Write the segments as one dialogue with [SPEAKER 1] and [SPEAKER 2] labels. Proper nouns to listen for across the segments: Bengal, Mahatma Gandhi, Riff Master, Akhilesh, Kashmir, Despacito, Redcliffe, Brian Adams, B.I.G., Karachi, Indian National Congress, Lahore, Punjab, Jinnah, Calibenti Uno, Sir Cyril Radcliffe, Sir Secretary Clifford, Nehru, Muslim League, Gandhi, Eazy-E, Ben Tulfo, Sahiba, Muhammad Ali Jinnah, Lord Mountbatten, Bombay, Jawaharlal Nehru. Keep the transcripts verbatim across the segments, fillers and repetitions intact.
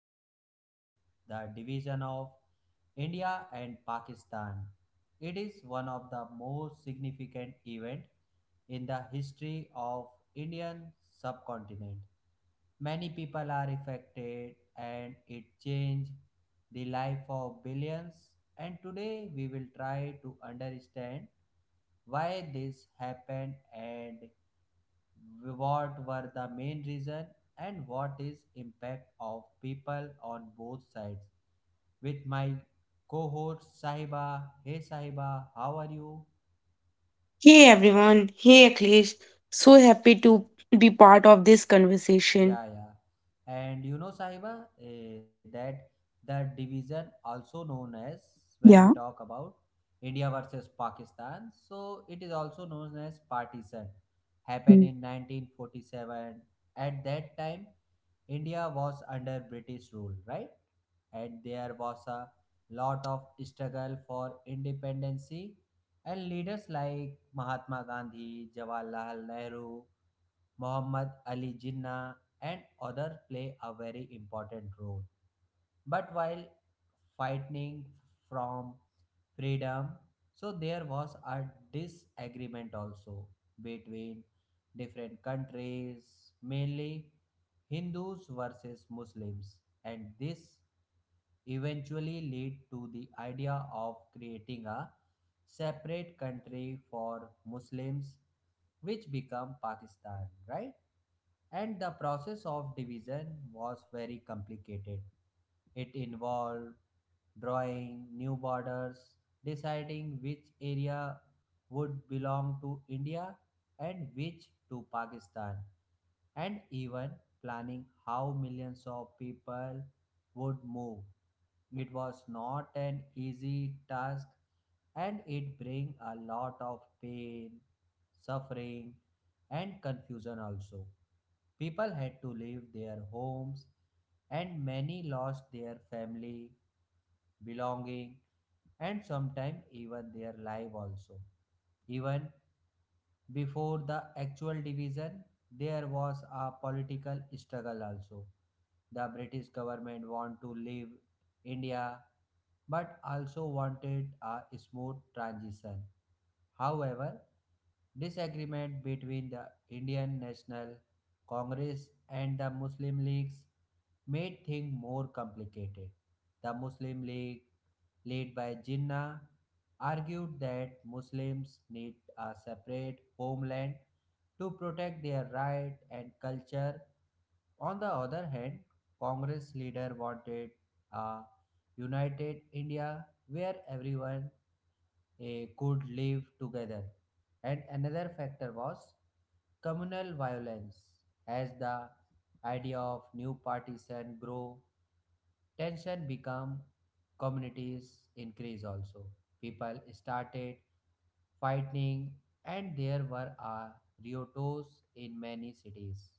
[SPEAKER 1] important topic: the division of India and Pakistan. It is one of the most significant event in the history of Indian subcontinent. Many people are affected and it changed the life of billions, and today we will try to understand why this happened and what were the main reason and what is impact of people on both sides with my cohort Sahiba. Hey Sahiba, how are you?
[SPEAKER 2] Hey everyone, hey Akhilesh, so happy to be part of this conversation.
[SPEAKER 1] Yeah, yeah. And you know, Sahiba, eh, that that division also known as, when we
[SPEAKER 2] Yeah.
[SPEAKER 1] talk about India versus Pakistan, so it is also known as partition.
[SPEAKER 2] Hmm.
[SPEAKER 1] Happened in nineteen forty-seven. At that time, India was under British rule, right? And
[SPEAKER 2] Yeah.
[SPEAKER 1] there was a lot of struggle for independency, and leaders like Mahatma Gandhi, Jawaharlal Nehru, Muhammad Ali Jinnah, and others play a very important role. But while fighting from freedom, so there was a disagreement also between different countries, mainly Hindus versus Muslims, and this eventually lead to the idea of creating a separate country for Muslims, which became Pakistan, right? And the process of division was very complicated. It involved drawing new borders, deciding which area would belong to India and which to Pakistan, and even planning how millions of people would move. It was not an easy task and it brings a lot of pain, suffering, and confusion also. People had to leave their homes, and many lost their family, belonging, and sometimes even their life also. Even before the actual division, there was a political struggle also. The British government wanted to leave India but also wanted a smooth transition. However, disagreement between the Indian National Congress and the Muslim Leagues made things more complicated. The Muslim League, led by Jinnah, argued that Muslims need a separate homeland to protect their right and culture. On the other hand, Congress leader wanted a united India where everyone eh, could live together. And another factor was communal violence. As the idea of new partition grow, tension become communities increase also. People started fighting and there were a rioters in many cities.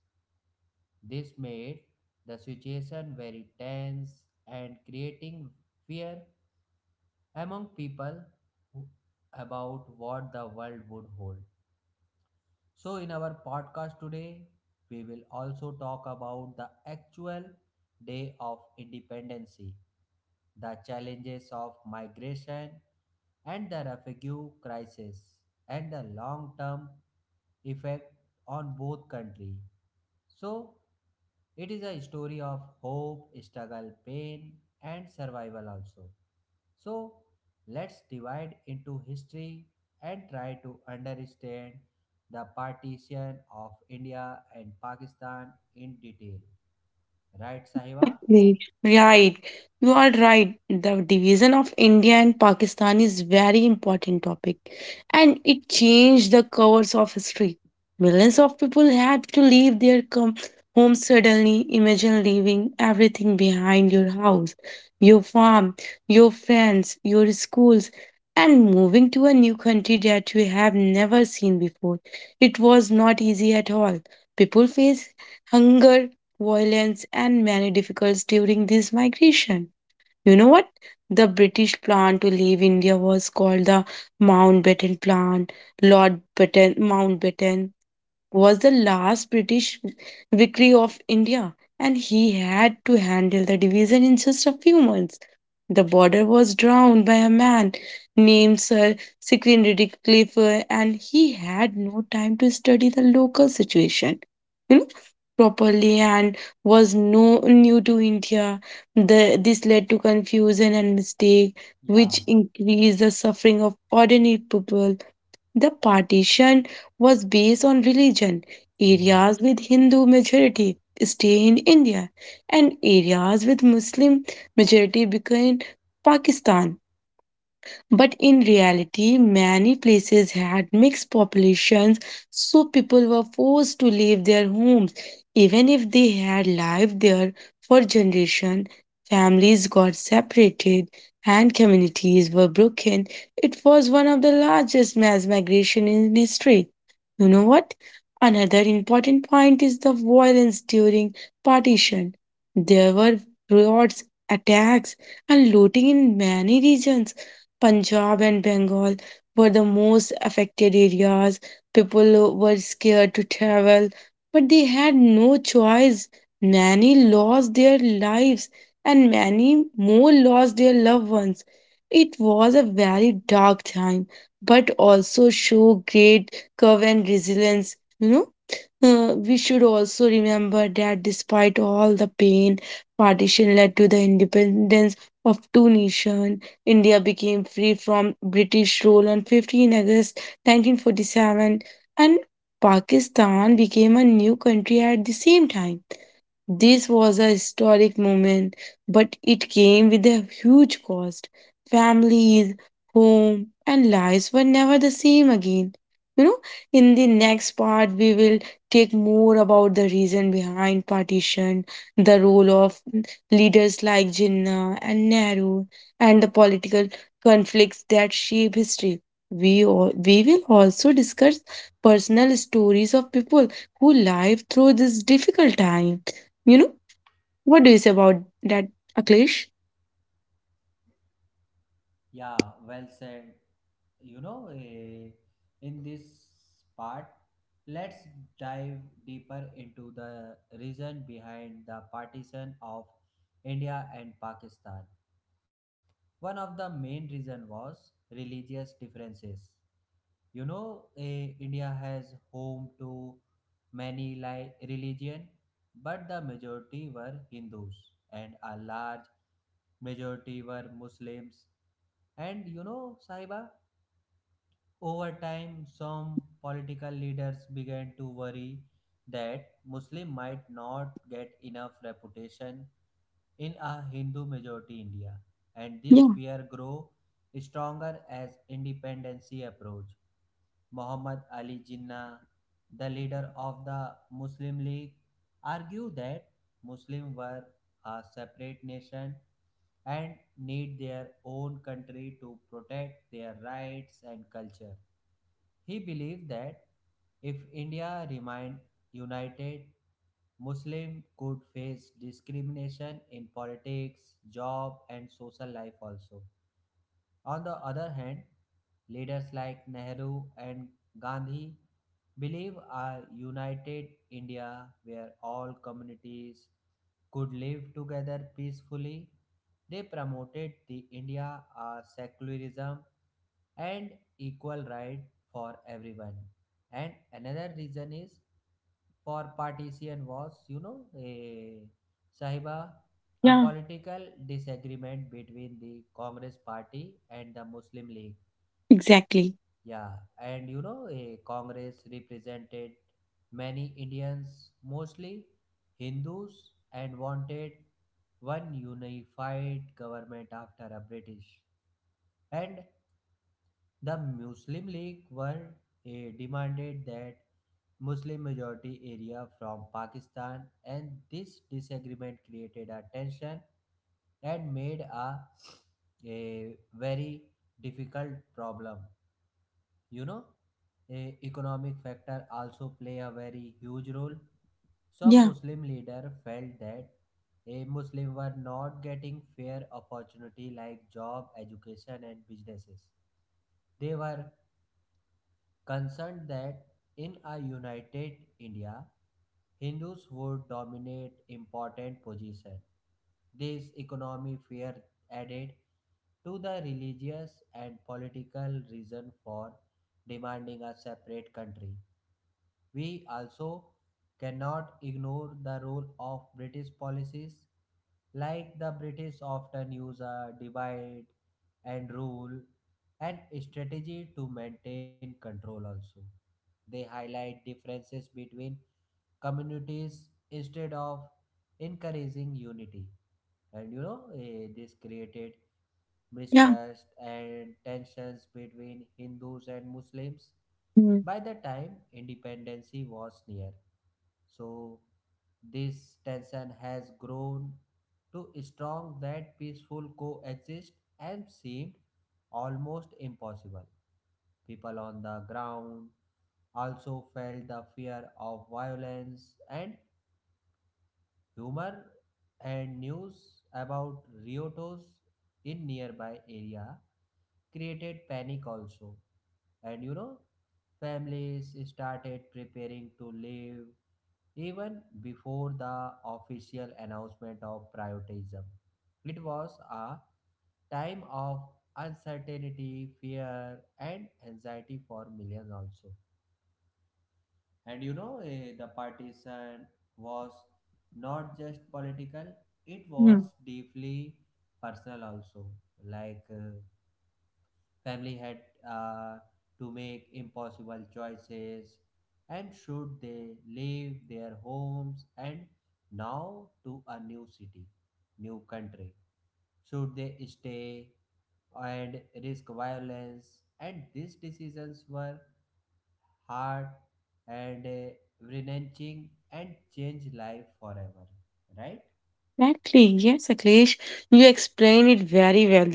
[SPEAKER 1] This made the situation very tense and creating fear among people who- about what the world would hold. So, in our podcast today, we will also talk about the actual day of independency, the challenges of migration and the refugee crisis, and the long term effect on both countries. So, it is a story of hope, struggle, pain, and survival also. So let's divide into history and try to understand the partition of India and Pakistan in detail. Right, Sahiba?
[SPEAKER 2] Right, right. You are right. The division of India and Pakistan is very important topic, and it changed the course of history. Millions of people had to leave their com- homes suddenly. Imagine leaving everything behind: your house, your farm, your friends, your schools, and moving to a new country that you have never seen before. It was not easy at all. People face hunger violence, and many difficulties during this migration. You know what? The British plan to leave India was called the Mountbatten Plan. Lord Batten, Mountbatten was the last British victory of India, and he had to handle the division in just a few months. The border was drawn by a man named Sir Secretary Clifford, and he had no time to study the local situation, you know, properly, and was no new to India. The, this led to confusion and mistake,
[SPEAKER 1] Yeah,
[SPEAKER 2] which increased the suffering of ordinary people. The partition was based on religion.
[SPEAKER 1] yeah, yeah.
[SPEAKER 2] Areas with Hindu majority stay in India, and areas with Muslim majority became Pakistan. But in reality, many places had mixed populations, so people were forced to leave their homes. Even if they had lived there for generations, families got separated and communities were broken. It was one of the largest mass migration in history. You know what? Another important point is the violence during partition. There were riots, attacks, and looting in many regions. Punjab and Bengal were the most affected areas. People were scared to travel, but they had no choice. Many lost their lives, and many more lost their loved ones. It was a very dark time, but also showed great courage and resilience. You know, uh, we should also remember that despite all the pain, partition led to the independence of two nations. India became free from British rule on fifteenth of August nineteen forty-seven, and Pakistan became a new country at the same time. This was a historic moment, but it came with a huge cost. Families, home, and lives were never the same again. You know, in the next part, we will take more about the reason behind partition, the role of leaders like Jinnah and Nehru, and the political conflicts that shape history. We, all, we will also discuss personal stories of people who lived through this difficult time. You know? What do you say about that, Aklesh?
[SPEAKER 1] Yeah, well said. You know, eh, in this part, let's dive deeper into the reason behind the partition of India and Pakistan. One of the main reason was religious differences. You know, eh, India has home to many li- religion, but the majority were Hindus and a large majority were Muslims. And you know, Saiba, over time, some political leaders began to worry that Muslim might not get enough reputation in a Hindu majority India, and this
[SPEAKER 2] Yeah,
[SPEAKER 1] fear grew stronger as independency approached. Muhammad Ali Jinnah, the leader of the Muslim League, argued that Muslims were a separate nation and need their own country to protect their rights and culture. He believed that if India remained united, Muslims could face discrimination in politics, job, and social life also. On the other hand, leaders like Nehru and Gandhi believe a united India where all communities could live together peacefully. They promoted the India a secularism and equal right for everyone. And another reason is for partition was, you know, a Sahiba, a
[SPEAKER 2] yeah,
[SPEAKER 1] political disagreement between the Congress party and the Muslim League.
[SPEAKER 2] exactly.
[SPEAKER 1] Yeah, and you know, a Congress represented many Indians, mostly Hindus, and wanted one unified government after a British. And the Muslim League were eh, demanded that Muslim majority area from Pakistan, and this disagreement created a tension and made a, a very difficult problem. You know, eh, economic factor also play a very huge role. Some
[SPEAKER 2] Yeah,
[SPEAKER 1] Muslim leader felt that a Muslim were not getting fair opportunity like job, education and businesses. They were concerned that in a united India, Hindus would dominate important positions. This economic fear added to the religious and political reason for demanding a separate country. We also cannot ignore the role of British policies. Like the British often use a divide and rule and strategy to maintain control also. They highlight differences between communities instead of encouraging unity. And you know, eh, this created
[SPEAKER 2] yeah.
[SPEAKER 1] mistrust and tensions between Hindus and Muslims
[SPEAKER 2] Mm-hmm.
[SPEAKER 1] by the time independence was near. So this tension has grown to strong that peaceful coexist and seemed almost impossible. People on the ground also felt the fear of violence and humor, and news about Riotos in nearby area created panic also. And you know, families started preparing to leave even before the official announcement of privatism. It was a time of uncertainty, fear, and anxiety for millions also. And you know, eh, the partition was not just political, it was deeply personal also. Like uh, family had uh, to make impossible choices. And should they leave their homes and now to a new city, new country? Should they stay and risk violence? And these decisions were hard and uh, wrenching and changed life forever, right?
[SPEAKER 2] Exactly. Yes, Akhilesh, you explained it very well.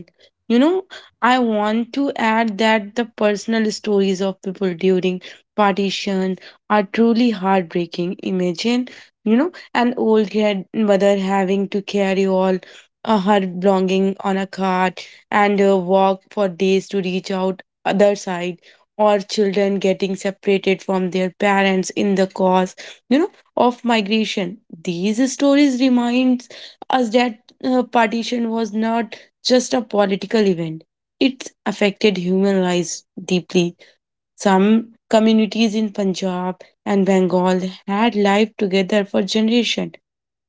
[SPEAKER 2] You know, I want to add that the personal stories of people during partition are truly heartbreaking. Imagine, you know, an old grandmother having to carry all uh, her belonging on a cart and uh, walk for days to reach out other side, or children getting separated from their parents in the cause, you know, of migration. These stories remind as that uh, partition was not just a political event. It affected human lives deeply. Some communities in Punjab and Bengal had lived together for generations,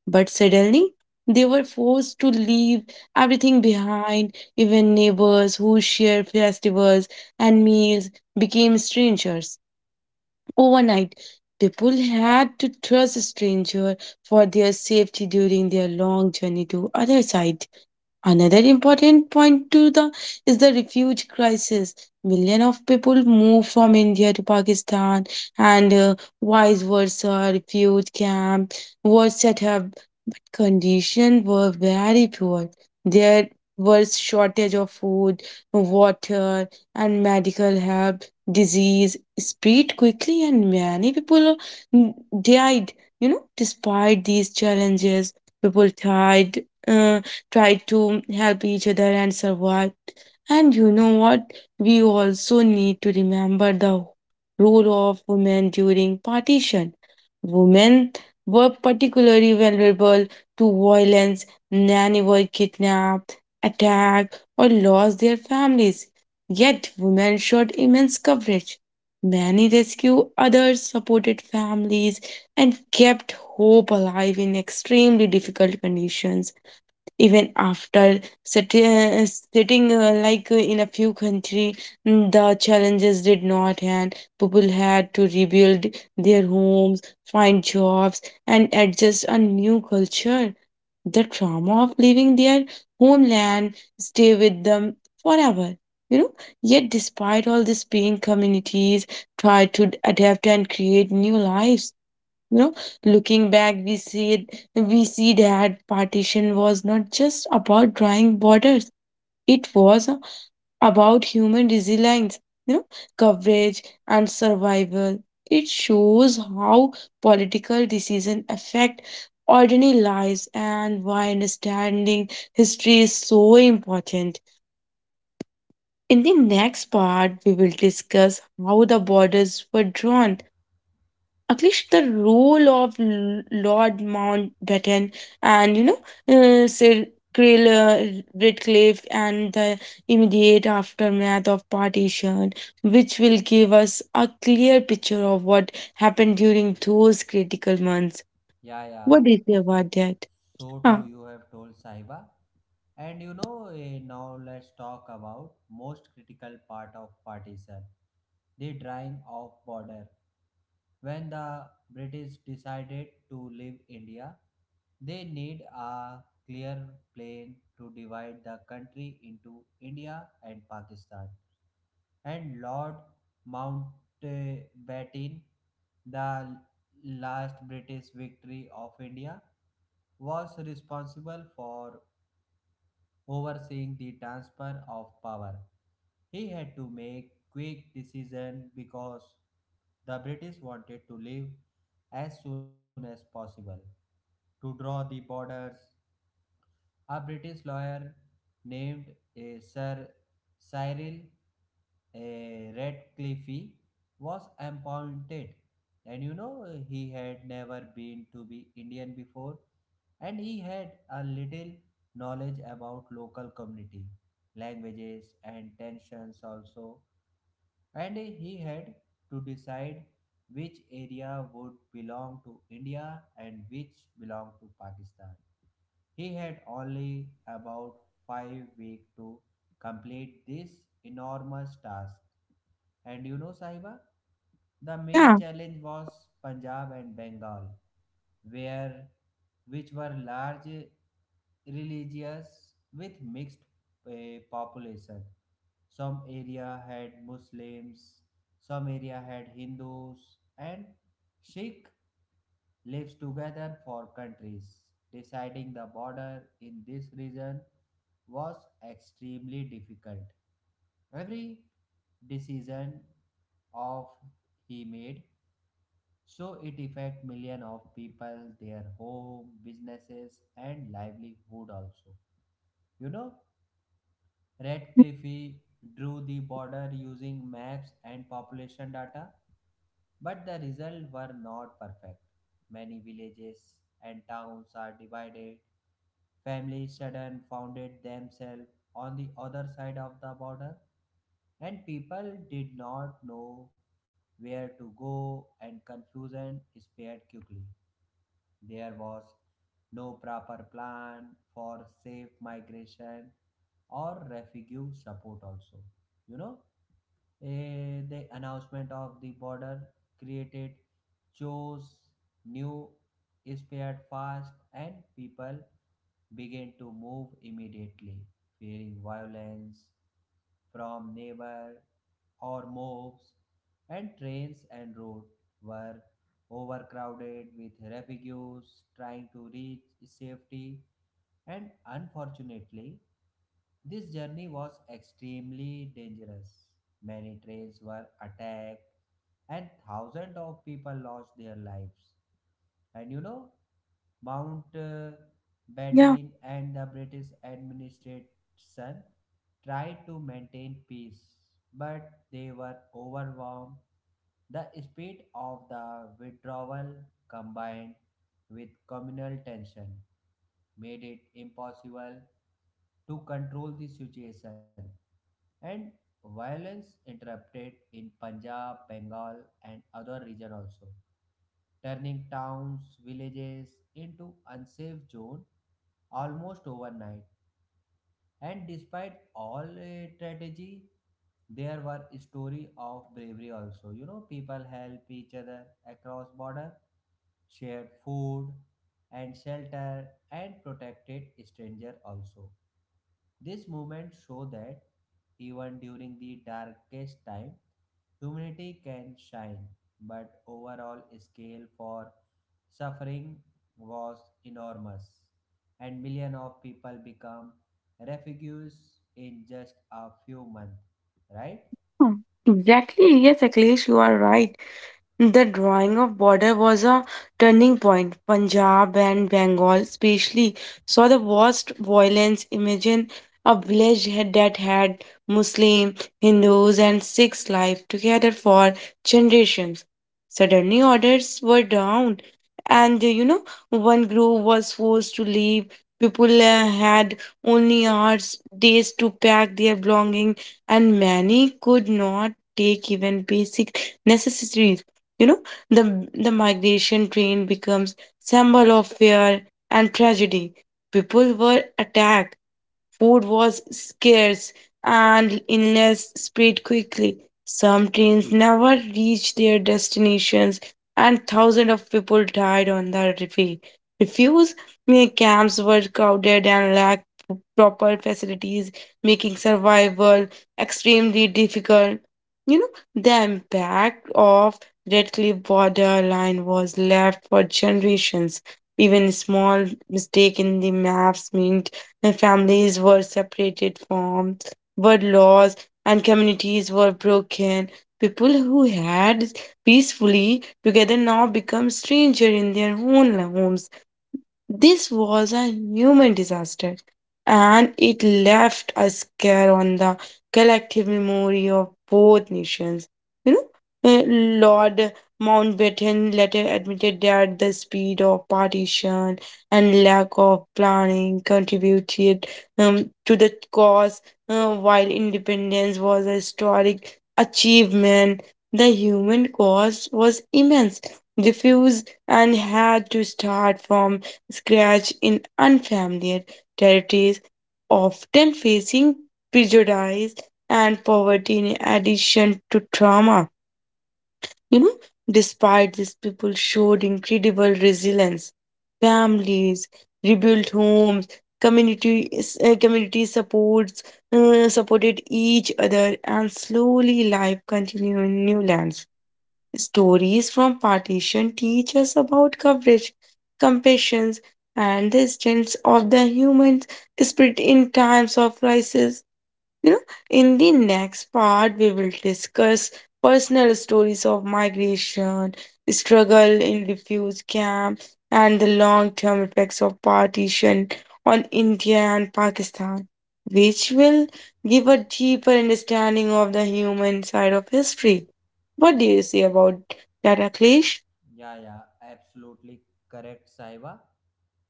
[SPEAKER 2] but suddenly they were forced to leave everything behind. Even neighbors who shared festivals and meals became strangers. Overnight, people had to trust strangers for their safety during their long journey to other side. Another important point to the is the refuge crisis. Millions of people move from India to Pakistan, and uh, vice versa. Refuge camp were set up. Conditions were very poor. There was shortage of food, water, and medical help. Disease spread quickly, and many people mm, died. You know, despite these challenges, people tried uh, tried to help each other and survive. And you know what? We also need to remember the role of women during partition. Women were particularly vulnerable to violence. Many were kidnapped, attacked, or lost their families. Yet women showed immense courage. Many rescued others, supported families, and kept hope alive in extremely difficult conditions. Even after sitting, uh, sitting uh, like uh, in a few country, mm, the challenges did not end. People had to rebuild their homes, find jobs, and adjust a new culture. The trauma of leaving their homeland stay with them forever, you know. Yet despite all this pain, communities try to adapt and create new lives, you know. Looking back we see it, we see that partition was not just about drawing borders. It was about human resilience, you know, coverage and survival. It shows how political decisions affect ordinary lives and why understanding history is so important. In the next part, we will discuss how the borders were drawn, Akhilesh, the role of L- Lord Mountbatten, and you know, uh, Sir Krill uh, Redcliffe, and the immediate aftermath of partition, which will give us a clear picture of what happened during those critical months.
[SPEAKER 1] Yeah, yeah.
[SPEAKER 2] What do you say about that?
[SPEAKER 1] So
[SPEAKER 2] Huh.
[SPEAKER 1] true, you have told Saiba. And you know, eh, now let's talk about most critical part of partition, the drawing of border. When the British decided to leave India, they need a clear plan to divide the country into India and Pakistan. And Lord Mountbatten, the last British victory of India, was responsible for overseeing the transfer of power. He had to make quick decisions because the British wanted to leave as soon as possible to draw the borders. A British lawyer named eh, Sir Cyril eh, Radcliffe was appointed, and you know eh, he had never been to be Indian before, and he had a little knowledge about local community languages and tensions also, and he had to decide which area would belong to India and which belonged to Pakistan. He had only about five weeks to complete this enormous task. And you know, Sahiba, the main
[SPEAKER 2] Yeah,
[SPEAKER 1] challenge was Punjab and Bengal, where which were large religious with mixed a population. Some area had Muslims, some area had Hindus, and Sikh lives together for countries. Deciding the border in this region was extremely difficult. Every decision of he made, so it affect million of people, their home businesses and livelihood also. You know, Radcliffe drew the border using maps and population data, but the results were not perfect. Many villages and towns are divided. Families suddenly founded themselves on the other side of the border, and people did not know where to go, and confusion spread quickly. There was no proper plan for safe migration or refugee support also. You know, Eh, the announcement of the border created chores, new spread fast, and people began to move immediately, fearing violence from neighbor or mobs, and trains and roads were overcrowded with refugees trying to reach safety. And unfortunately, this journey was extremely dangerous. Many trains were attacked, and thousands of people lost their lives. And you know, Mount uh,
[SPEAKER 2] yeah.
[SPEAKER 1] Batten and the British administration tried to maintain peace, but they were overwhelmed. The speed of the withdrawal combined with communal tension made it impossible to control the situation, and violence interrupted in Punjab, Bengal and other region also, turning towns villages into unsafe zone almost overnight. And despite all uh, strategy, there were story of bravery also. You know, people help each other across border, shared food and shelter, and protected stranger also. This movement show that even during the darkest time, humanity can shine. But overall scale for suffering was enormous, and millions of people become refugees in just a few months, right?
[SPEAKER 2] Hmm. Exactly. Yes, Akhilesh, you are right. The drawing of border was a turning point. Punjab and Bengal especially saw the worst violence. Imagine a village had- that had Muslim, Hindus and Sikhs life together for generations. Suddenly orders were down, and uh, you know, one group was forced to leave. People uh, had only hours, days to pack their belongings and many could not take even basic necessities. You know, the the migration train becomes symbol of fear and tragedy. People were attacked. Food was scarce and illness spread quickly. Some trains never reached their destinations, and thousands of people died on the refi- refuse. Many camps were crowded and lacked proper facilities, making survival extremely difficult. You know, the impact of Red Cliff border line was left for generations. Even small mistake in the maps meant their families were separated from, were lost, and communities were broken. People who had peacefully together now become stranger in their own homes. This was a human disaster, and it left a scar on the collective memory of both nations. You know, uh, Lord Mountbatten later admitted that the speed of partition and lack of planning contributed, um, to the cause, uh, while independence was a historic achievement. The human cost was immense. Refuse and had to start from scratch in unfamiliar territories, often facing prejudice and poverty in addition to trauma. You know, despite this, people showed incredible resilience. Families rebuilt homes, communities, uh, community supports uh, supported each other, and slowly life continued in new lands. Stories from partition teach us about coverage, compassion, and the strength of the human spirit in times of crisis. You know, in the next part, we will discuss personal stories of migration, struggle in refugee camp, and the long term effects of partition on India and Pakistan, which will give a deeper understanding of the human side of history. What do you say about that, Akhilesh?
[SPEAKER 1] Yeah, yeah, absolutely correct, Saiba.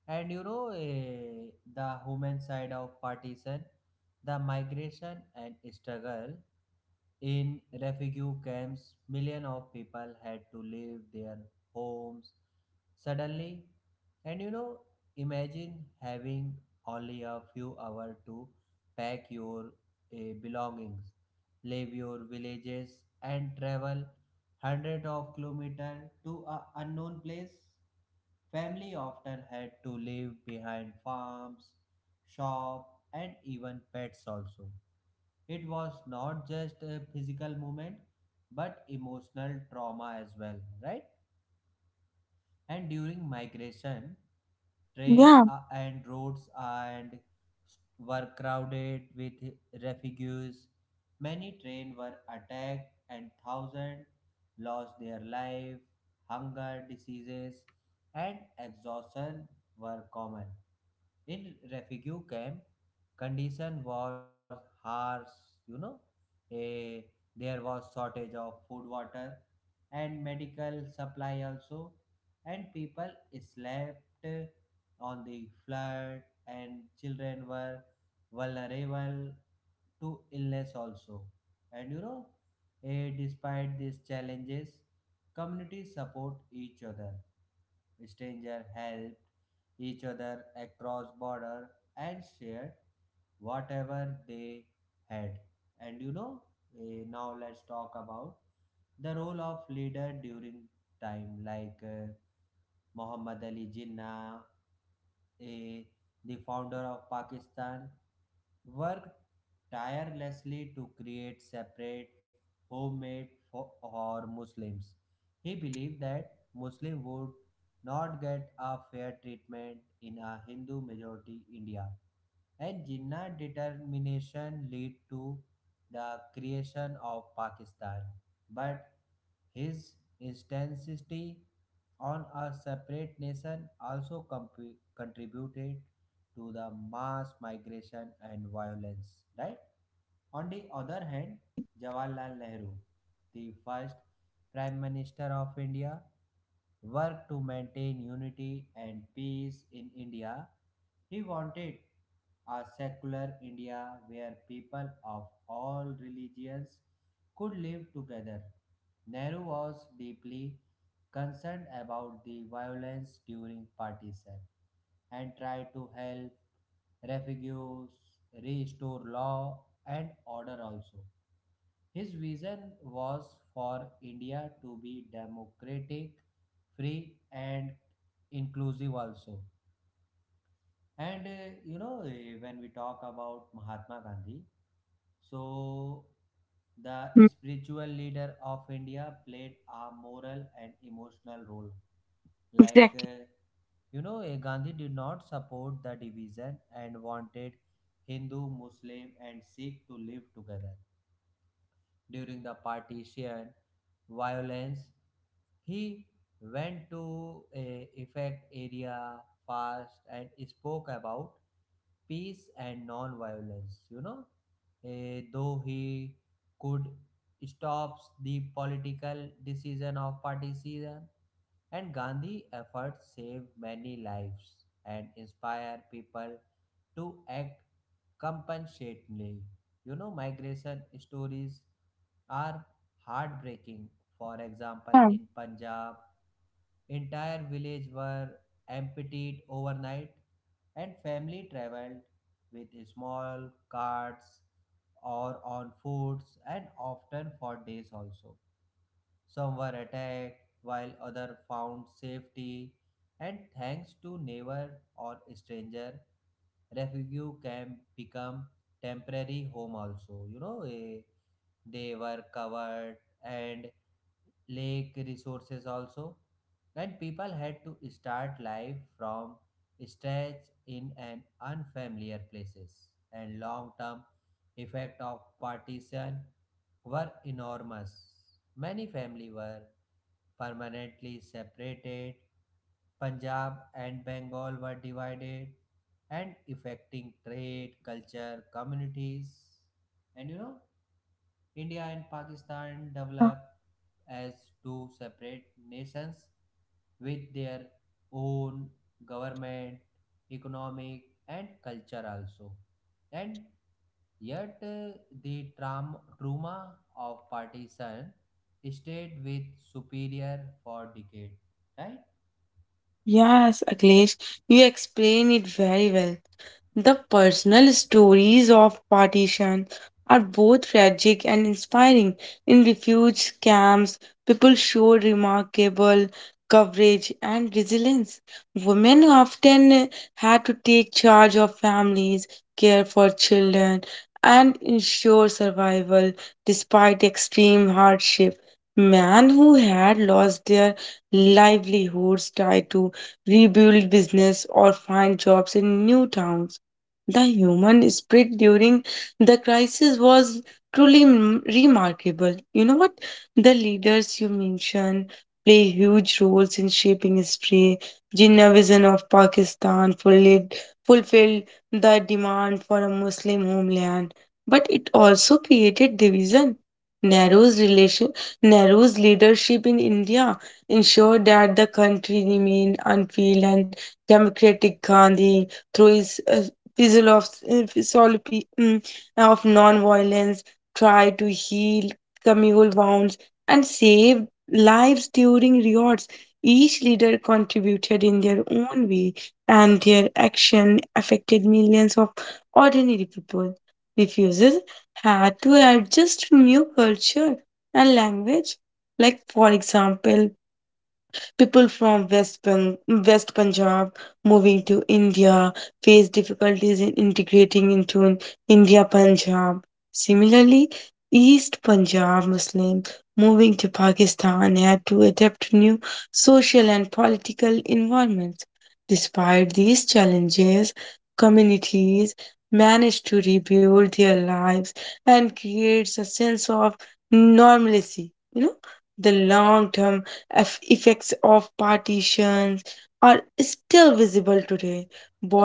[SPEAKER 1] And you know, eh, the human side of partition, the migration and struggle. In refugee camps, millions of people had to leave their homes suddenly. And you know, imagine having only a few hours to pack your eh, belongings, leave your villages, and travel hundreds of kilometers to a unknown place. Family often had to live behind farms, shop, and even pets also. It was not just a physical movement but emotional trauma as well, right? And during migration, trains
[SPEAKER 2] Yeah,
[SPEAKER 1] are, and roads and were crowded with refugees. Many trains were attacked and thousands lost their life. Hunger, diseases, and exhaustion were common. In refugee camp, condition was harsh. You know, a there was shortage of food, water, and medical supply also, and people slept on the floor, and children were vulnerable to illness also and you know eh, Despite these challenges, communities support each other, stranger helped each other across border and shared whatever they had and you know eh, Now let's talk about the role of leader during time like uh, Muhammad Ali Jinnah, a, the founder of Pakistan, worked tirelessly to create separate homemade for, or Muslims. He
[SPEAKER 2] yeah,
[SPEAKER 1] believed that Muslims would not get a fair treatment in a Hindu majority India. And Jinnah determination led to the creation of Pakistan. But his intensity on a separate nation also comp- contributed to the mass migration and violence, right? On the other hand,
[SPEAKER 2] right.
[SPEAKER 1] Jawaharlal Nehru, the first Prime Minister of India, worked to maintain unity and peace in India. He wanted a secular India where people of all religions could live together Nehru was deeply concerned about the violence during partition and tried to help refugees restore law and order also. His vision was for India to be democratic, free, and inclusive also. And uh, you know, eh, when we talk about Mahatma Gandhi, so the
[SPEAKER 2] Mm.
[SPEAKER 1] spiritual leader of India played a moral and emotional role. Like,
[SPEAKER 2] Exactly.
[SPEAKER 1] uh, you know, eh, Gandhi did not support the division and wanted Hindu, Muslim, and Sikh to live together during the partition violence. He went to a effect area fast and spoke about peace and non-violence. You know, Eh, though he could stops the political decision of partition, and Gandhi efforts saved many lives and inspire people to act compassionately. You know, migration stories are heartbreaking. For example,
[SPEAKER 2] Yeah.
[SPEAKER 1] in Punjab, entire village were emptied overnight and family traveled with small carts or on foots and often for days also, some were attacked, while others found safety, and thanks to neighbor or stranger, refugee camp become temporary home also. You know, eh, they were covered and lake resources also, and people had to start life from scratch in an unfamiliar places, and long term effect of partition were enormous. Many families were permanently separated. Punjab and Bengal were divided and affecting trade culture communities and you know India and Pakistan
[SPEAKER 2] Yeah.
[SPEAKER 1] developed as two separate nations with their own government, economic, and culture also. And yet, uh, the traum- trauma of partition stayed with superior for decades, right?
[SPEAKER 2] Yes, Akhilesh, you explain it very well. The personal stories of partition are both tragic and inspiring. In refuge camps, people showed remarkable courage and resilience. Women often had to take charge of families, care for children, and ensure survival despite extreme hardship. Men who had lost their livelihoods tried to rebuild business or find jobs in new towns. The human spirit during the crisis was truly m- remarkable. You know what? The leaders you mentioned play huge roles in shaping history. Jinnah vision of Pakistan fulfilled, fulfilled the demand for a Muslim homeland, but it also created division. Nehru's relation, Nehru's leadership in India ensured that the country remained unfilled and democratic. Gandhi through his uh, Fizzle of uh, philosophy, mm, of non-violence try to heal communal wounds and save lives during riots. Each leader contributed in their own way, and their action affected millions of ordinary people. Refuses had to adjust to new culture and language. Like, for example, people from West, Pan- West Punjab moving to India face difficulties in integrating into India Punjab. Similarly, East Punjab Muslims moving to Pakistan had to adapt to new social and political environments. Despite these challenges, communities managed to rebuild their lives and creates a sense of normalcy. You know, the long term eff- effects of partitions are still visible today.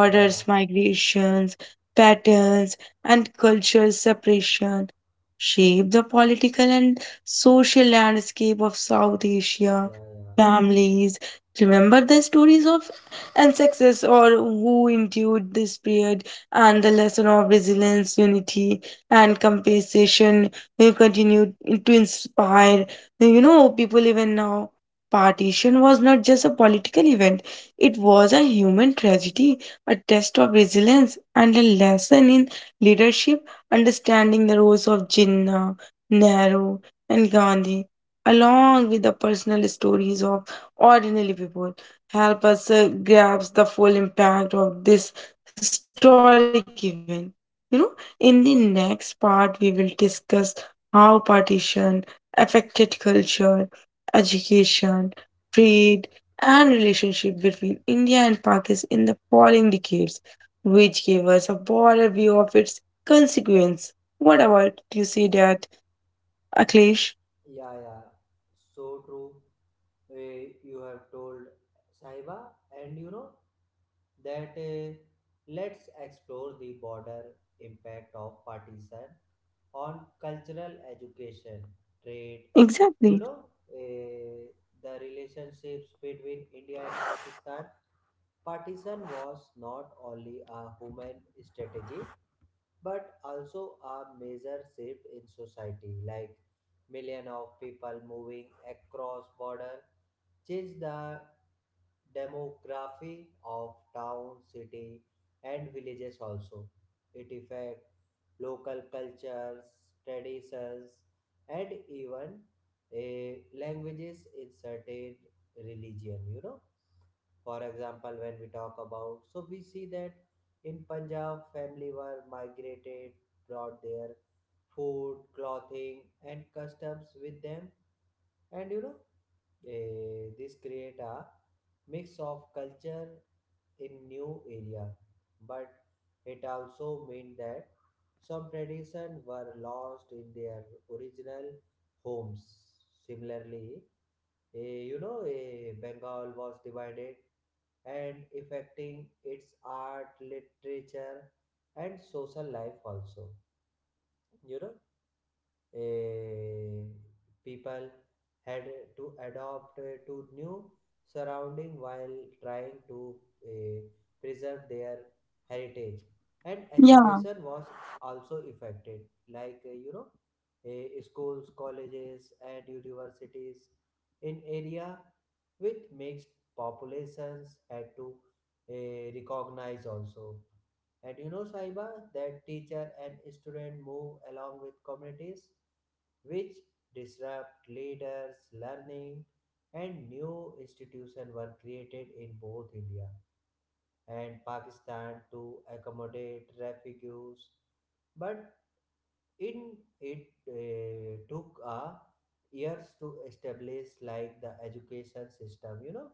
[SPEAKER 1] Yeah,
[SPEAKER 2] migrations, patterns, and cultural separation shape the political and social landscape of South Asia.
[SPEAKER 1] yeah, yeah.
[SPEAKER 2] Families remember the stories of ancestors or who endured this period, and the lesson of resilience, unity, and compensation will continue to inspire, uh, you know, people even now. Partition was not just a political event, it was a human tragedy, a test of resilience, and a lesson in leadership. Understanding the roles of Jinnah, Nehru, and Gandhi, along with the personal stories of ordinary people, help us uh, grasp the full impact of this historic event. You know, in the next part, we will discuss how partition affected culture, education, trade, and relationship between India and Pakistan in the following decades, which gave us a broader view of its consequence. What about you see that, Akhilesh?
[SPEAKER 1] Yeah, yeah, so true. Eh, you have told Sahiba, and you know that eh, let's explore the border impact of partition on cultural education, trade. You
[SPEAKER 2] Exactly.
[SPEAKER 1] know eh, the relationships between India and Pakistan. Partition was not only a human strategy; but also a major shift in society like million of people moving across border change the demography of town, city, and villages also. It affects local cultures, traditions, and even eh, languages in certain religion. You know, for example, when we talk about, so we see that in Punjab, family were migrated, brought their food, clothing, and customs with them, and you know, eh, this create a mix of culture in new area. But it also meant that some tradition were lost in their original homes. Similarly, eh, you know, eh, Bengal was divided and affecting its art, literature, and social life also. You know, eh, People had to adopt eh, to new surrounding while trying to eh, preserve their heritage. And
[SPEAKER 2] Yeah.
[SPEAKER 1] education was also affected like eh, you know eh, schools, colleges, and universities in area with mixed populations had to eh, recognize also. And you know, Saiba, that teacher and student move along with communities which disrupt leaders learning. And new institutions were created in both India and Pakistan to accommodate refugees, but in it uh, took a years to establish like the education system you know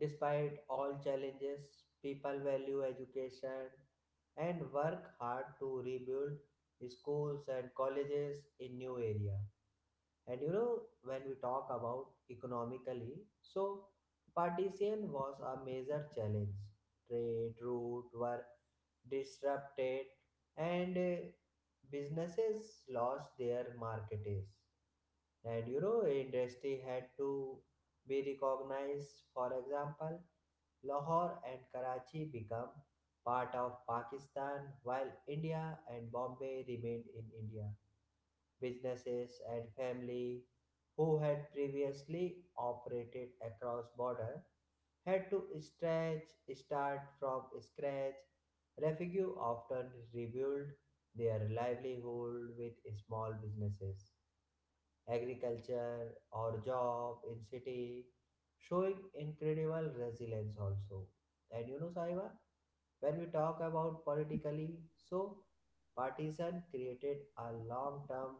[SPEAKER 1] Despite all challenges, people value education and work hard to rebuild schools and colleges in new area. And you know, when we talk about economically, so partition was a major challenge. Trade routes were disrupted, and uh, businesses lost their markets. And you know, industry had to be recognized. For example, Lahore and Karachi become part of Pakistan while India and Bombay remained in India businesses, And family who had previously operated across border had to stretch, start from scratch. Refugee often rebuilt their livelihood with small businesses, agriculture, or job in city, showing incredible resilience also. And you know, Saiba, when we talk about politically, so partisan created a long-term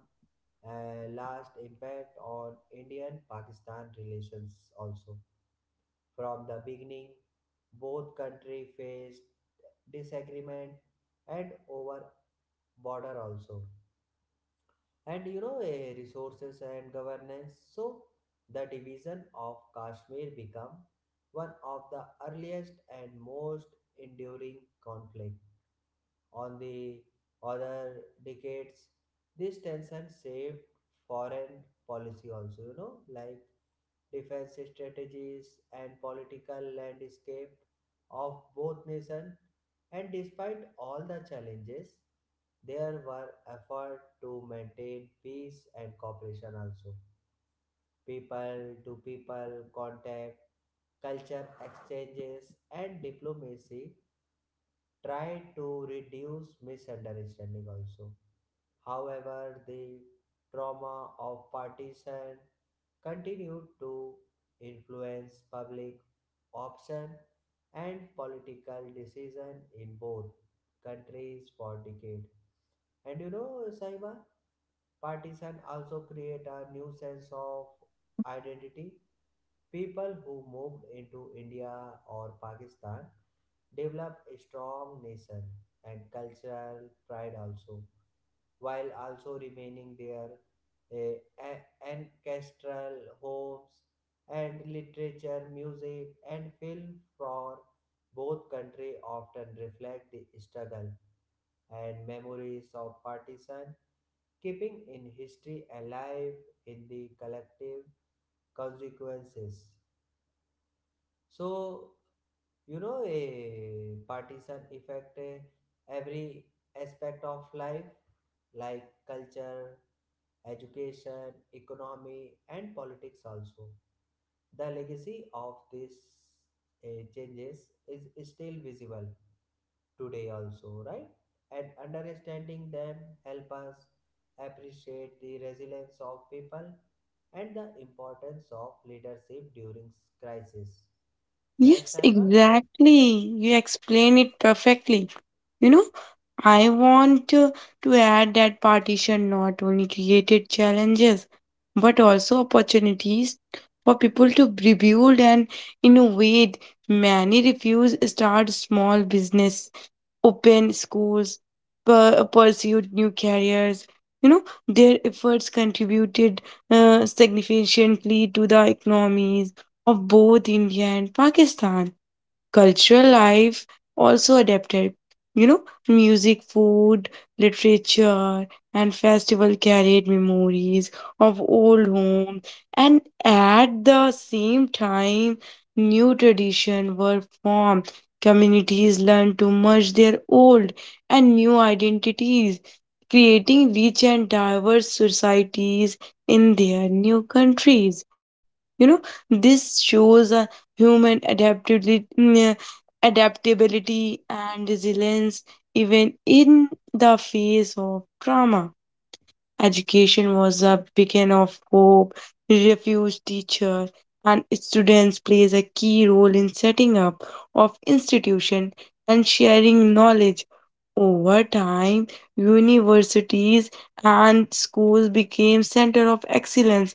[SPEAKER 1] and last impact on Indian Pakistan relations also. From the beginning, both country faced disagreement and over border also. And you know, eh, resources and governance. So the division of Kashmir become one of the earliest and most enduring conflict. On the other decades, this tension shaped foreign policy also, you know, like defense strategies and political landscape of both nations. And despite all the challenges, there were efforts to maintain peace and cooperation also. People to people contact, culture exchanges, and diplomacy try to reduce misunderstanding also. However, the trauma of partition continued to influence public option and political decision in both countries for decades. And you know, Saiba, partition also create a new sense of identity. People who moved into India or Pakistan develop a strong nation and cultural pride also, while also remaining their eh, a- ancestral homes, and literature, music, and film for both country often reflect the struggle and memories of partisan, keeping in history alive in the collective consequences. So, you know, a partisan affect eh, every aspect of life, like culture, education, economy, and politics also. The legacy of these eh, changes is still visible today also, right? And understanding them help us appreciate the resilience of people and the importance of leadership during crisis. Right,
[SPEAKER 2] Yes,
[SPEAKER 1] Sahiba?
[SPEAKER 2] exactly. You explain it perfectly. You know, I want to, to add that partition not only created challenges but also opportunities for people to rebuild and innovate. Many refuse start small business open schools, pu- pursued new careers. You know, their efforts contributed uh, significantly to the economies of both India and Pakistan cultural life also adapted. You know, music, food, literature, and festival carried memories of old home, and at the same time, new tradition were formed. Communities learned to merge their old and new identities, creating rich and diverse societies in their new countries. You know, this shows a human adaptability, mm, adaptability and resilience, even in the face of trauma. Education was a beacon of hope, refuge teacher, and students plays a key role in setting up of institution and sharing knowledge over time, universities and schools became center of excellence,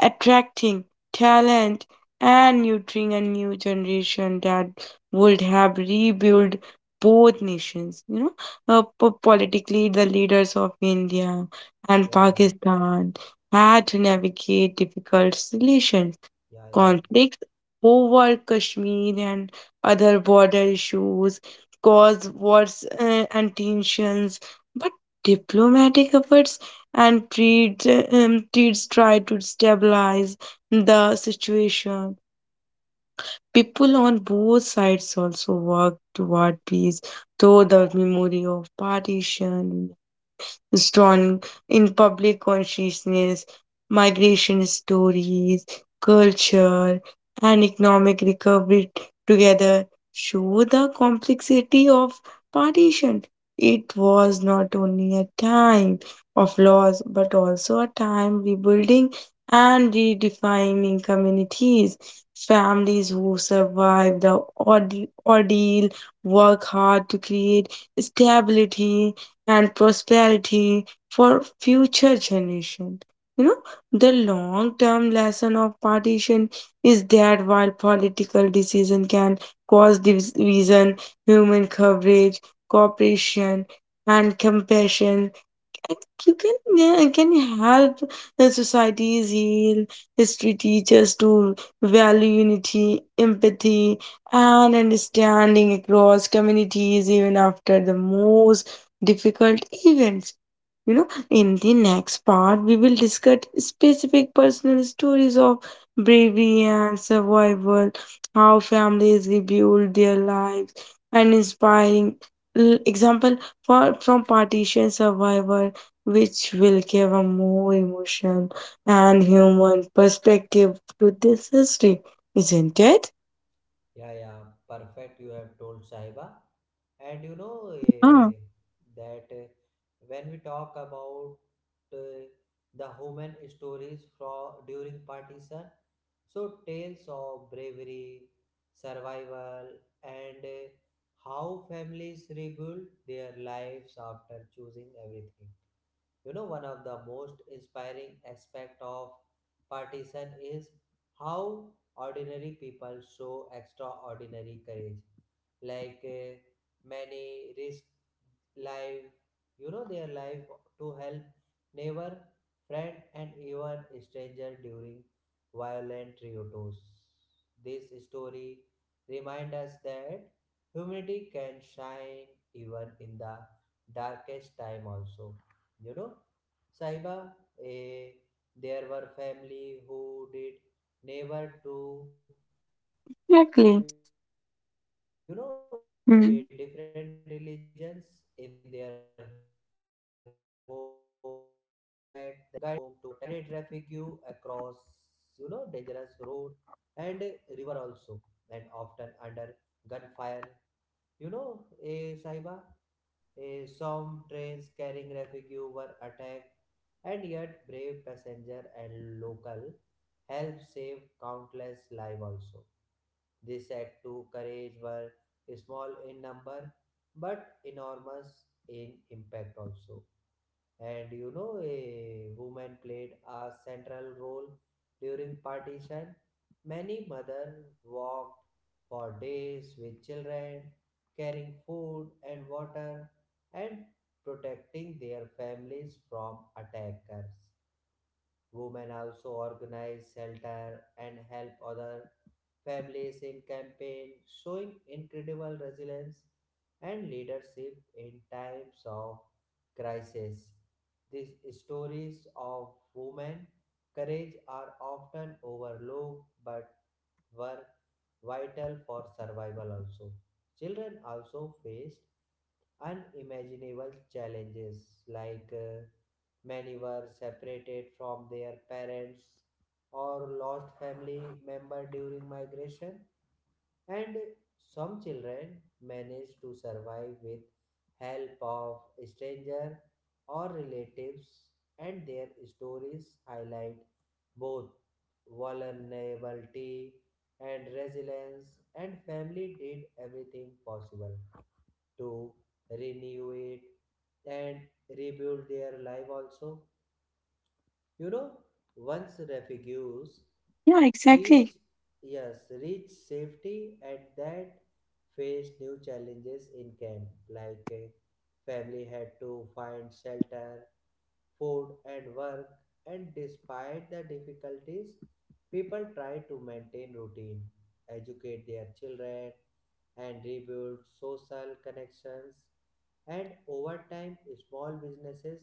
[SPEAKER 2] attracting talent and nurturing a new generation that would have rebuilt both nations. You know, uh, po- politically, the leaders of India and
[SPEAKER 1] Yeah,
[SPEAKER 2] Pakistan had to navigate difficult relations
[SPEAKER 1] yeah, yeah,
[SPEAKER 2] conflicts over Kashmir and other border issues, cause wars uh, and tensions, but diplomatic efforts and treats, um, treats try to stabilize the situation. People on both sides also work toward peace, though the memory of partition strong in public consciousness, migration stories, culture, and economic recovery together show the complexity of partition. It was not only a time of loss, but also a time rebuilding and redefining communities. Families who survive the orde- ordeal work hard to create stability and prosperity for future generations. You know, the long term lesson of partition is that while political decision can cause division, human coverage, cooperation, and compassion I think you can, yeah, can help the society's heal history teachers to value unity, empathy, and understanding across communities even after the most difficult events. You know, in the next part, we will discuss specific personal stories of bravery and survival, how families rebuild their lives, and inspiring l- example for from partition survivor, which will give a more emotion and human perspective to this history, isn't it?
[SPEAKER 1] yeah, yeah. Perfect. You have told Sahiba, and you know
[SPEAKER 2] Oh,
[SPEAKER 1] eh, that eh, when we talk about eh, the human stories from during partition, so tales of bravery, survival, and eh, how families rebuild their lives after choosing everything. You know, one of the most inspiring aspect of partisan is how ordinary people show extraordinary courage like uh, many risk life, you know, their life to help neighbor, friend, and even stranger during violent riotous. This story remind us that humanity can shine even in the darkest time also. You know, Sahiba, eh, there were family who did never to, you know, eh, different
[SPEAKER 2] exactly.
[SPEAKER 1] religions in their home to
[SPEAKER 2] Mm.
[SPEAKER 1] protect them from mobs, and men and women guided refuge across, you know, dangerous road, and eh, river also, and often under gunfire. You know, eh, Saiba, Eh, some trains carrying refugee were attacked, and yet brave passenger and local helped save countless lives also. This act to courage were small in number but enormous in impact also. And you know, a woman played a central role during partition. Many mothers walked for days with children, carrying food and water, and protecting their families from attackers. Women also organized shelter and help others families in campaign, showing incredible resilience and leadership in times of crisis. These stories of women courage are often overlooked but were vital for survival also. Children also faced unimaginable challenges like uh, many were separated from their parents or lost family member during migration, and some children manage to survive with help of strangers or relatives, and their stories highlight both vulnerability and resilience. And family did everything possible to renew it and rebuild their life also. You know, once refugees
[SPEAKER 2] Yeah,
[SPEAKER 1] teach
[SPEAKER 2] exactly.
[SPEAKER 1] yes reach safety and that face new challenges in camp like a family had to find shelter, food, and work. And despite the difficulties, people try to maintain routine, educate their children, and rebuild social connections. And over time, small businesses,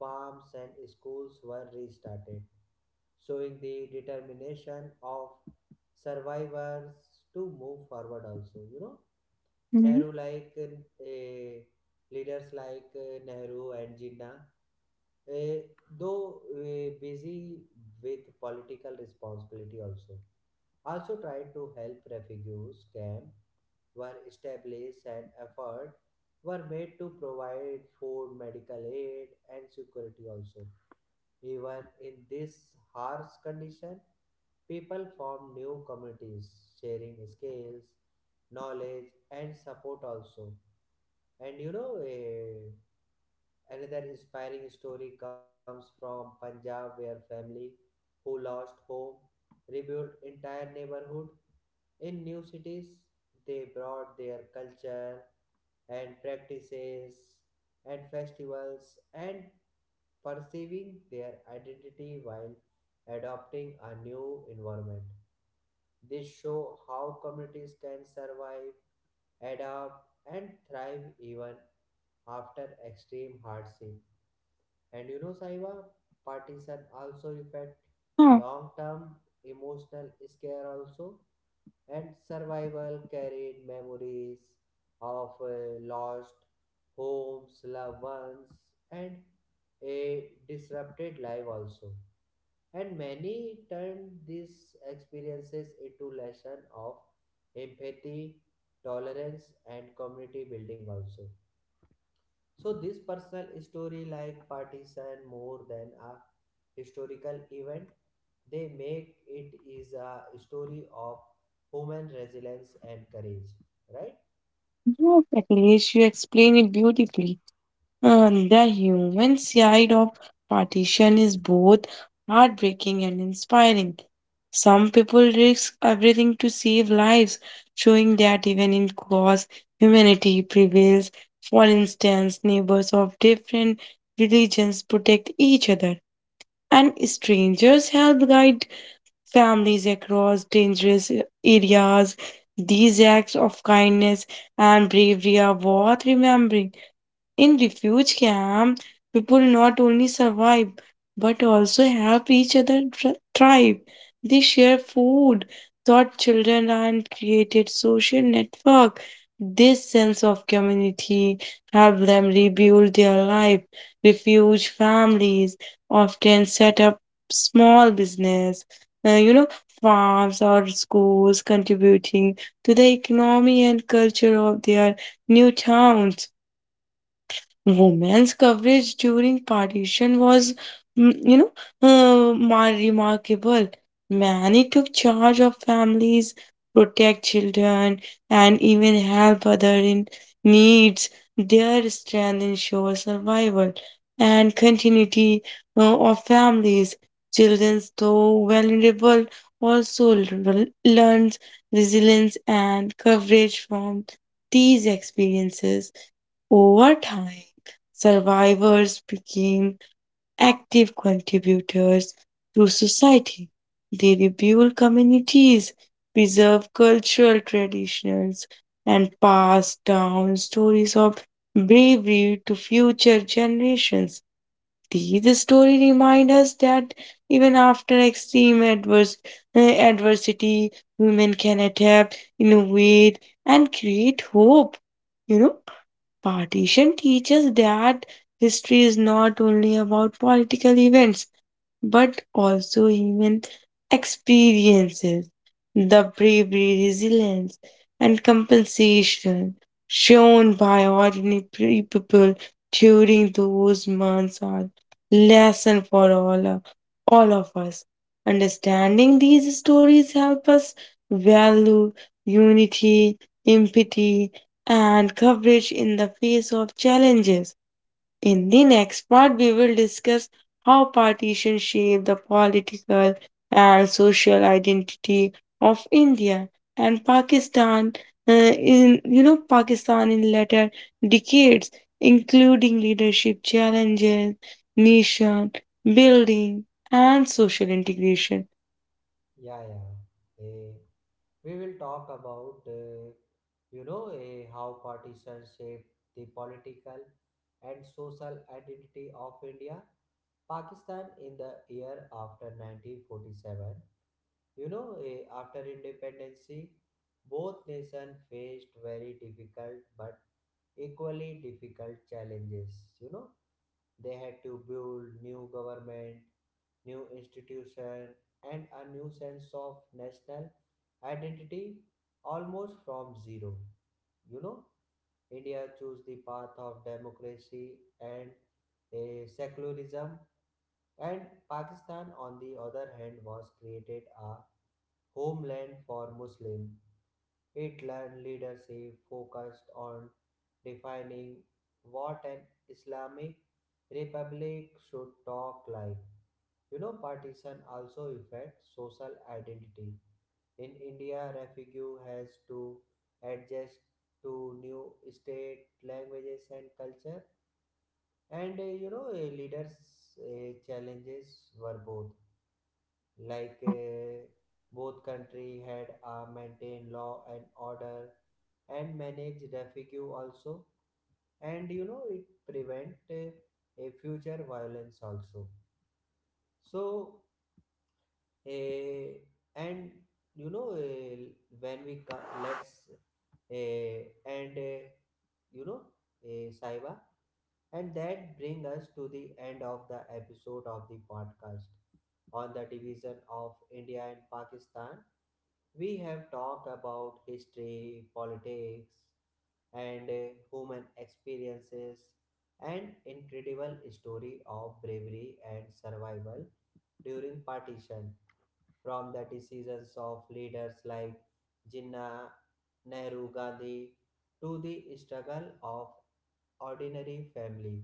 [SPEAKER 1] farms, and schools were restarted, showing the determination of survivors to move forward also. You know,
[SPEAKER 2] Mm.
[SPEAKER 1] Nehru like uh, Leaders like uh, Nehru and Jinnah, uh, though uh, busy with political responsibility also, also tried to help refugees camp were established, and effort were made to provide food, medical aid, and security also. Even in this harsh condition, people form new communities, sharing skills, knowledge, and support also. And you know, eh, another inspiring story comes from Punjab, where family who lost home rebuilt entire neighborhood. In new cities, they brought their culture and practices and festivals and perceiving their identity while adopting a new environment. This show how communities can survive, adapt, and thrive even after extreme hardship. And you know, Saiba, partition also affect
[SPEAKER 2] Yeah,
[SPEAKER 1] long-term emotional scare also, and survival carried memories of uh, lost homes, loved ones, and a disrupted life also. And many turned these experiences into lessons of empathy, tolerance, and community building also. So this personal story like partisan more than a historical event, they make it is a story of human resilience and courage, right?
[SPEAKER 2] yeah, exactly. Yes, you explain it beautifully. Uh, the human side of partition is both heartbreaking and inspiring. Some people risk everything to save lives, showing that even in cause, humanity prevails. For instance, neighbors of different religions protect each other, and strangers help guide families across dangerous areas. These acts of kindness and bravery are worth remembering in refuge camp, people not only survive but also help each other thr- thrive. They share food, taught children, and created social network. This sense of community helped them rebuild their life. Refuge families often set up small business, uh, you know, farms or schools, contributing to the economy and culture of their new towns. Women's coverage during partition was, mm, you know, uh, mar- remarkable. Many took charge of families, protect children, and even help other in needs. Their strength ensures survival and continuity uh, of families. Children, though vulnerable, also l- learns resilience and coverage from these experiences. Over time, survivors became active contributors to society. They rebuild communities, preserve cultural traditions, and pass down stories of bravery to future generations. These stories remind us that even after extreme adverse, uh, adversity, women can adapt, innovate, and create hope. You know? Partition teaches that history is not only about political events, but also even experiences. The bravery, resilience, and compensation shown by ordinary people during those months are lesson for all, of- all of us. Understanding these stories help us value unity, empathy, and courage in the face of challenges. In the next part, we will discuss how partitions shape the political and social identity of India and Pakistan. Uh, in You know Pakistan in later decades, including leadership challenges, nation building, and social integration.
[SPEAKER 1] Yeah, yeah. Eh, we will talk about uh, you know eh, how partitions shape the political and social identity of India, Pakistan in the year after nineteen forty-seven. You know eh, after independence, both nations faced very difficult but equally difficult challenges. You know, they had to build new government, new institution, and a new sense of national identity almost from zero. You know, India chose the path of democracy and a secularism, and Pakistan, on the other hand, was created a homeland for Muslim. It learned leadership focused on defining what an Islamic republic should talk like you know, Partition also affects social identity. In India, refugee has to adjust to new state languages and culture. And uh, you know, uh, leaders' uh, challenges were both. Like
[SPEAKER 2] Yeah,
[SPEAKER 1] uh, both country had uh, maintained law and order and managed refugee also. And you know, it prevent uh, a future violence also. So Eh, and you know eh, when we co- let's eh, and eh, you know eh, Saiba, and that bring us to the end of the episode of the podcast on the division of India and Pakistan. We have talked about history, politics, and uh, human experiences, and incredible story of bravery and survival during partition from the decisions of leaders like Jinnah, Nehru, Gandhi to the struggle of ordinary family.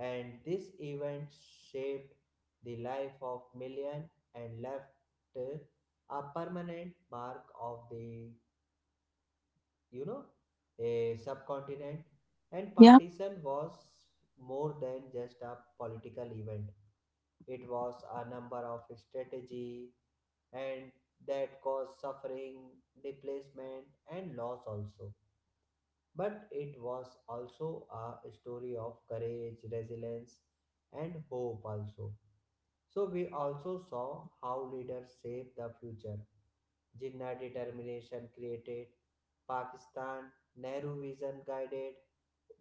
[SPEAKER 1] And this event shaped the life of millions and left uh, a permanent mark of the you know a subcontinent. And
[SPEAKER 2] yeah,
[SPEAKER 1] partition was more than just a political event. It was a number of strategy and that caused suffering, displacement, and loss also. But it was also a story of courage, resilience, and hope also. So we also saw how leaders shape the future. Jinnah determination created Pakistan, Nehru vision guided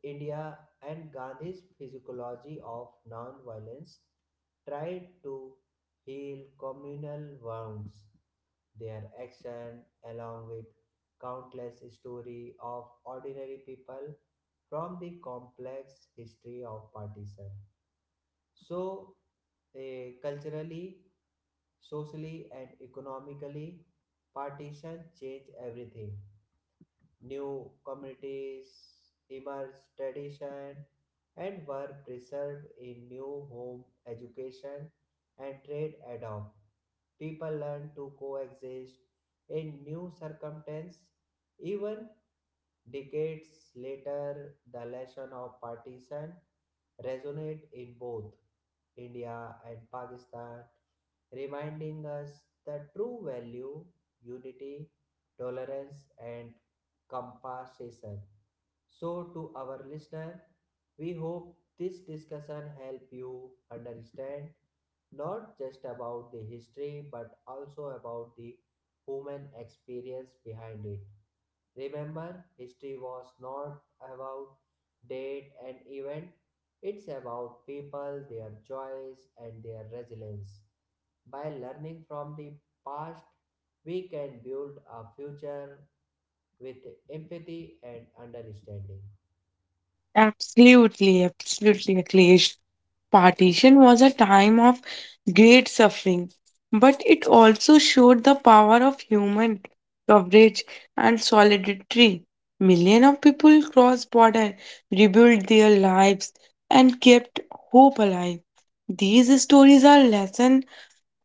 [SPEAKER 1] India, and Gandhi's physiology of non-violence tried to heal communal wounds. Their action, along with countless stories of ordinary people from the complex history of partition, so, eh, culturally, socially, and economically, partition changed everything. New communities emerged, tradition, and were preserved in new home education and trade adopt. People learned to coexist in new circumstances, even decades later, the lesson of partition resonate in both India and Pakistan, reminding us the true value, unity, tolerance, and compassion. So, to our listener, we hope this discussion help you understand not just about the history but also about the human experience behind it. Remember, history was not about date and event, it's about people, their choice, and their resilience. By learning from the past, we can build a future with empathy and understanding.
[SPEAKER 2] absolutely, absolutely, Akhilesh. Partition was a time of great suffering, but it also showed the power of human coverage and solidarity. Millions of people crossed border, rebuilt their lives, and kept hope alive. These stories are lessons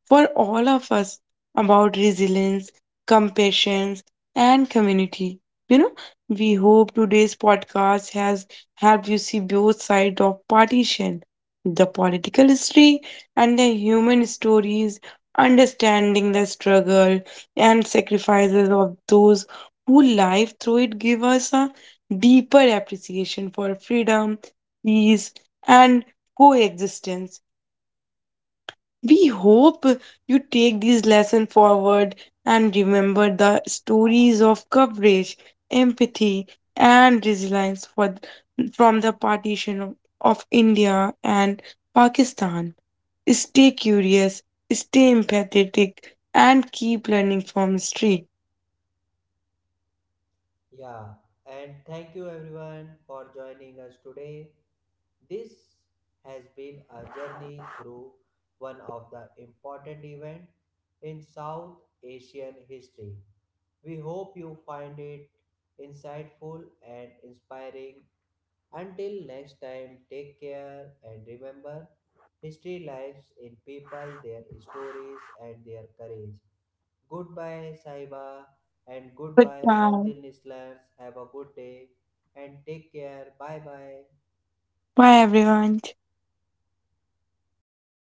[SPEAKER 2] for all of us about resilience, compassion, and community. You know, we hope today's podcast has helped you see both sides of partition, the political history and the human stories, understanding the struggle and sacrifices of those who life through it give us a deeper appreciation for freedom, peace, and coexistence. We hope you take these lessons forward and remember the stories of courage, empathy, and resilience for, from the partition of, of India and Pakistan. Stay curious, stay empathetic, and keep learning from history.
[SPEAKER 1] Yeah, and thank you everyone for joining us today. This has been a journey through one of the important events in South Asian history. We hope you find it insightful and inspiring. Until next time, take care and remember history lives in people, their stories, and their courage. Goodbye, Saiba, and goodbye, all
[SPEAKER 2] Goodbye.
[SPEAKER 1] the listeners. Have a good day and take care. Bye bye.
[SPEAKER 2] Bye, everyone.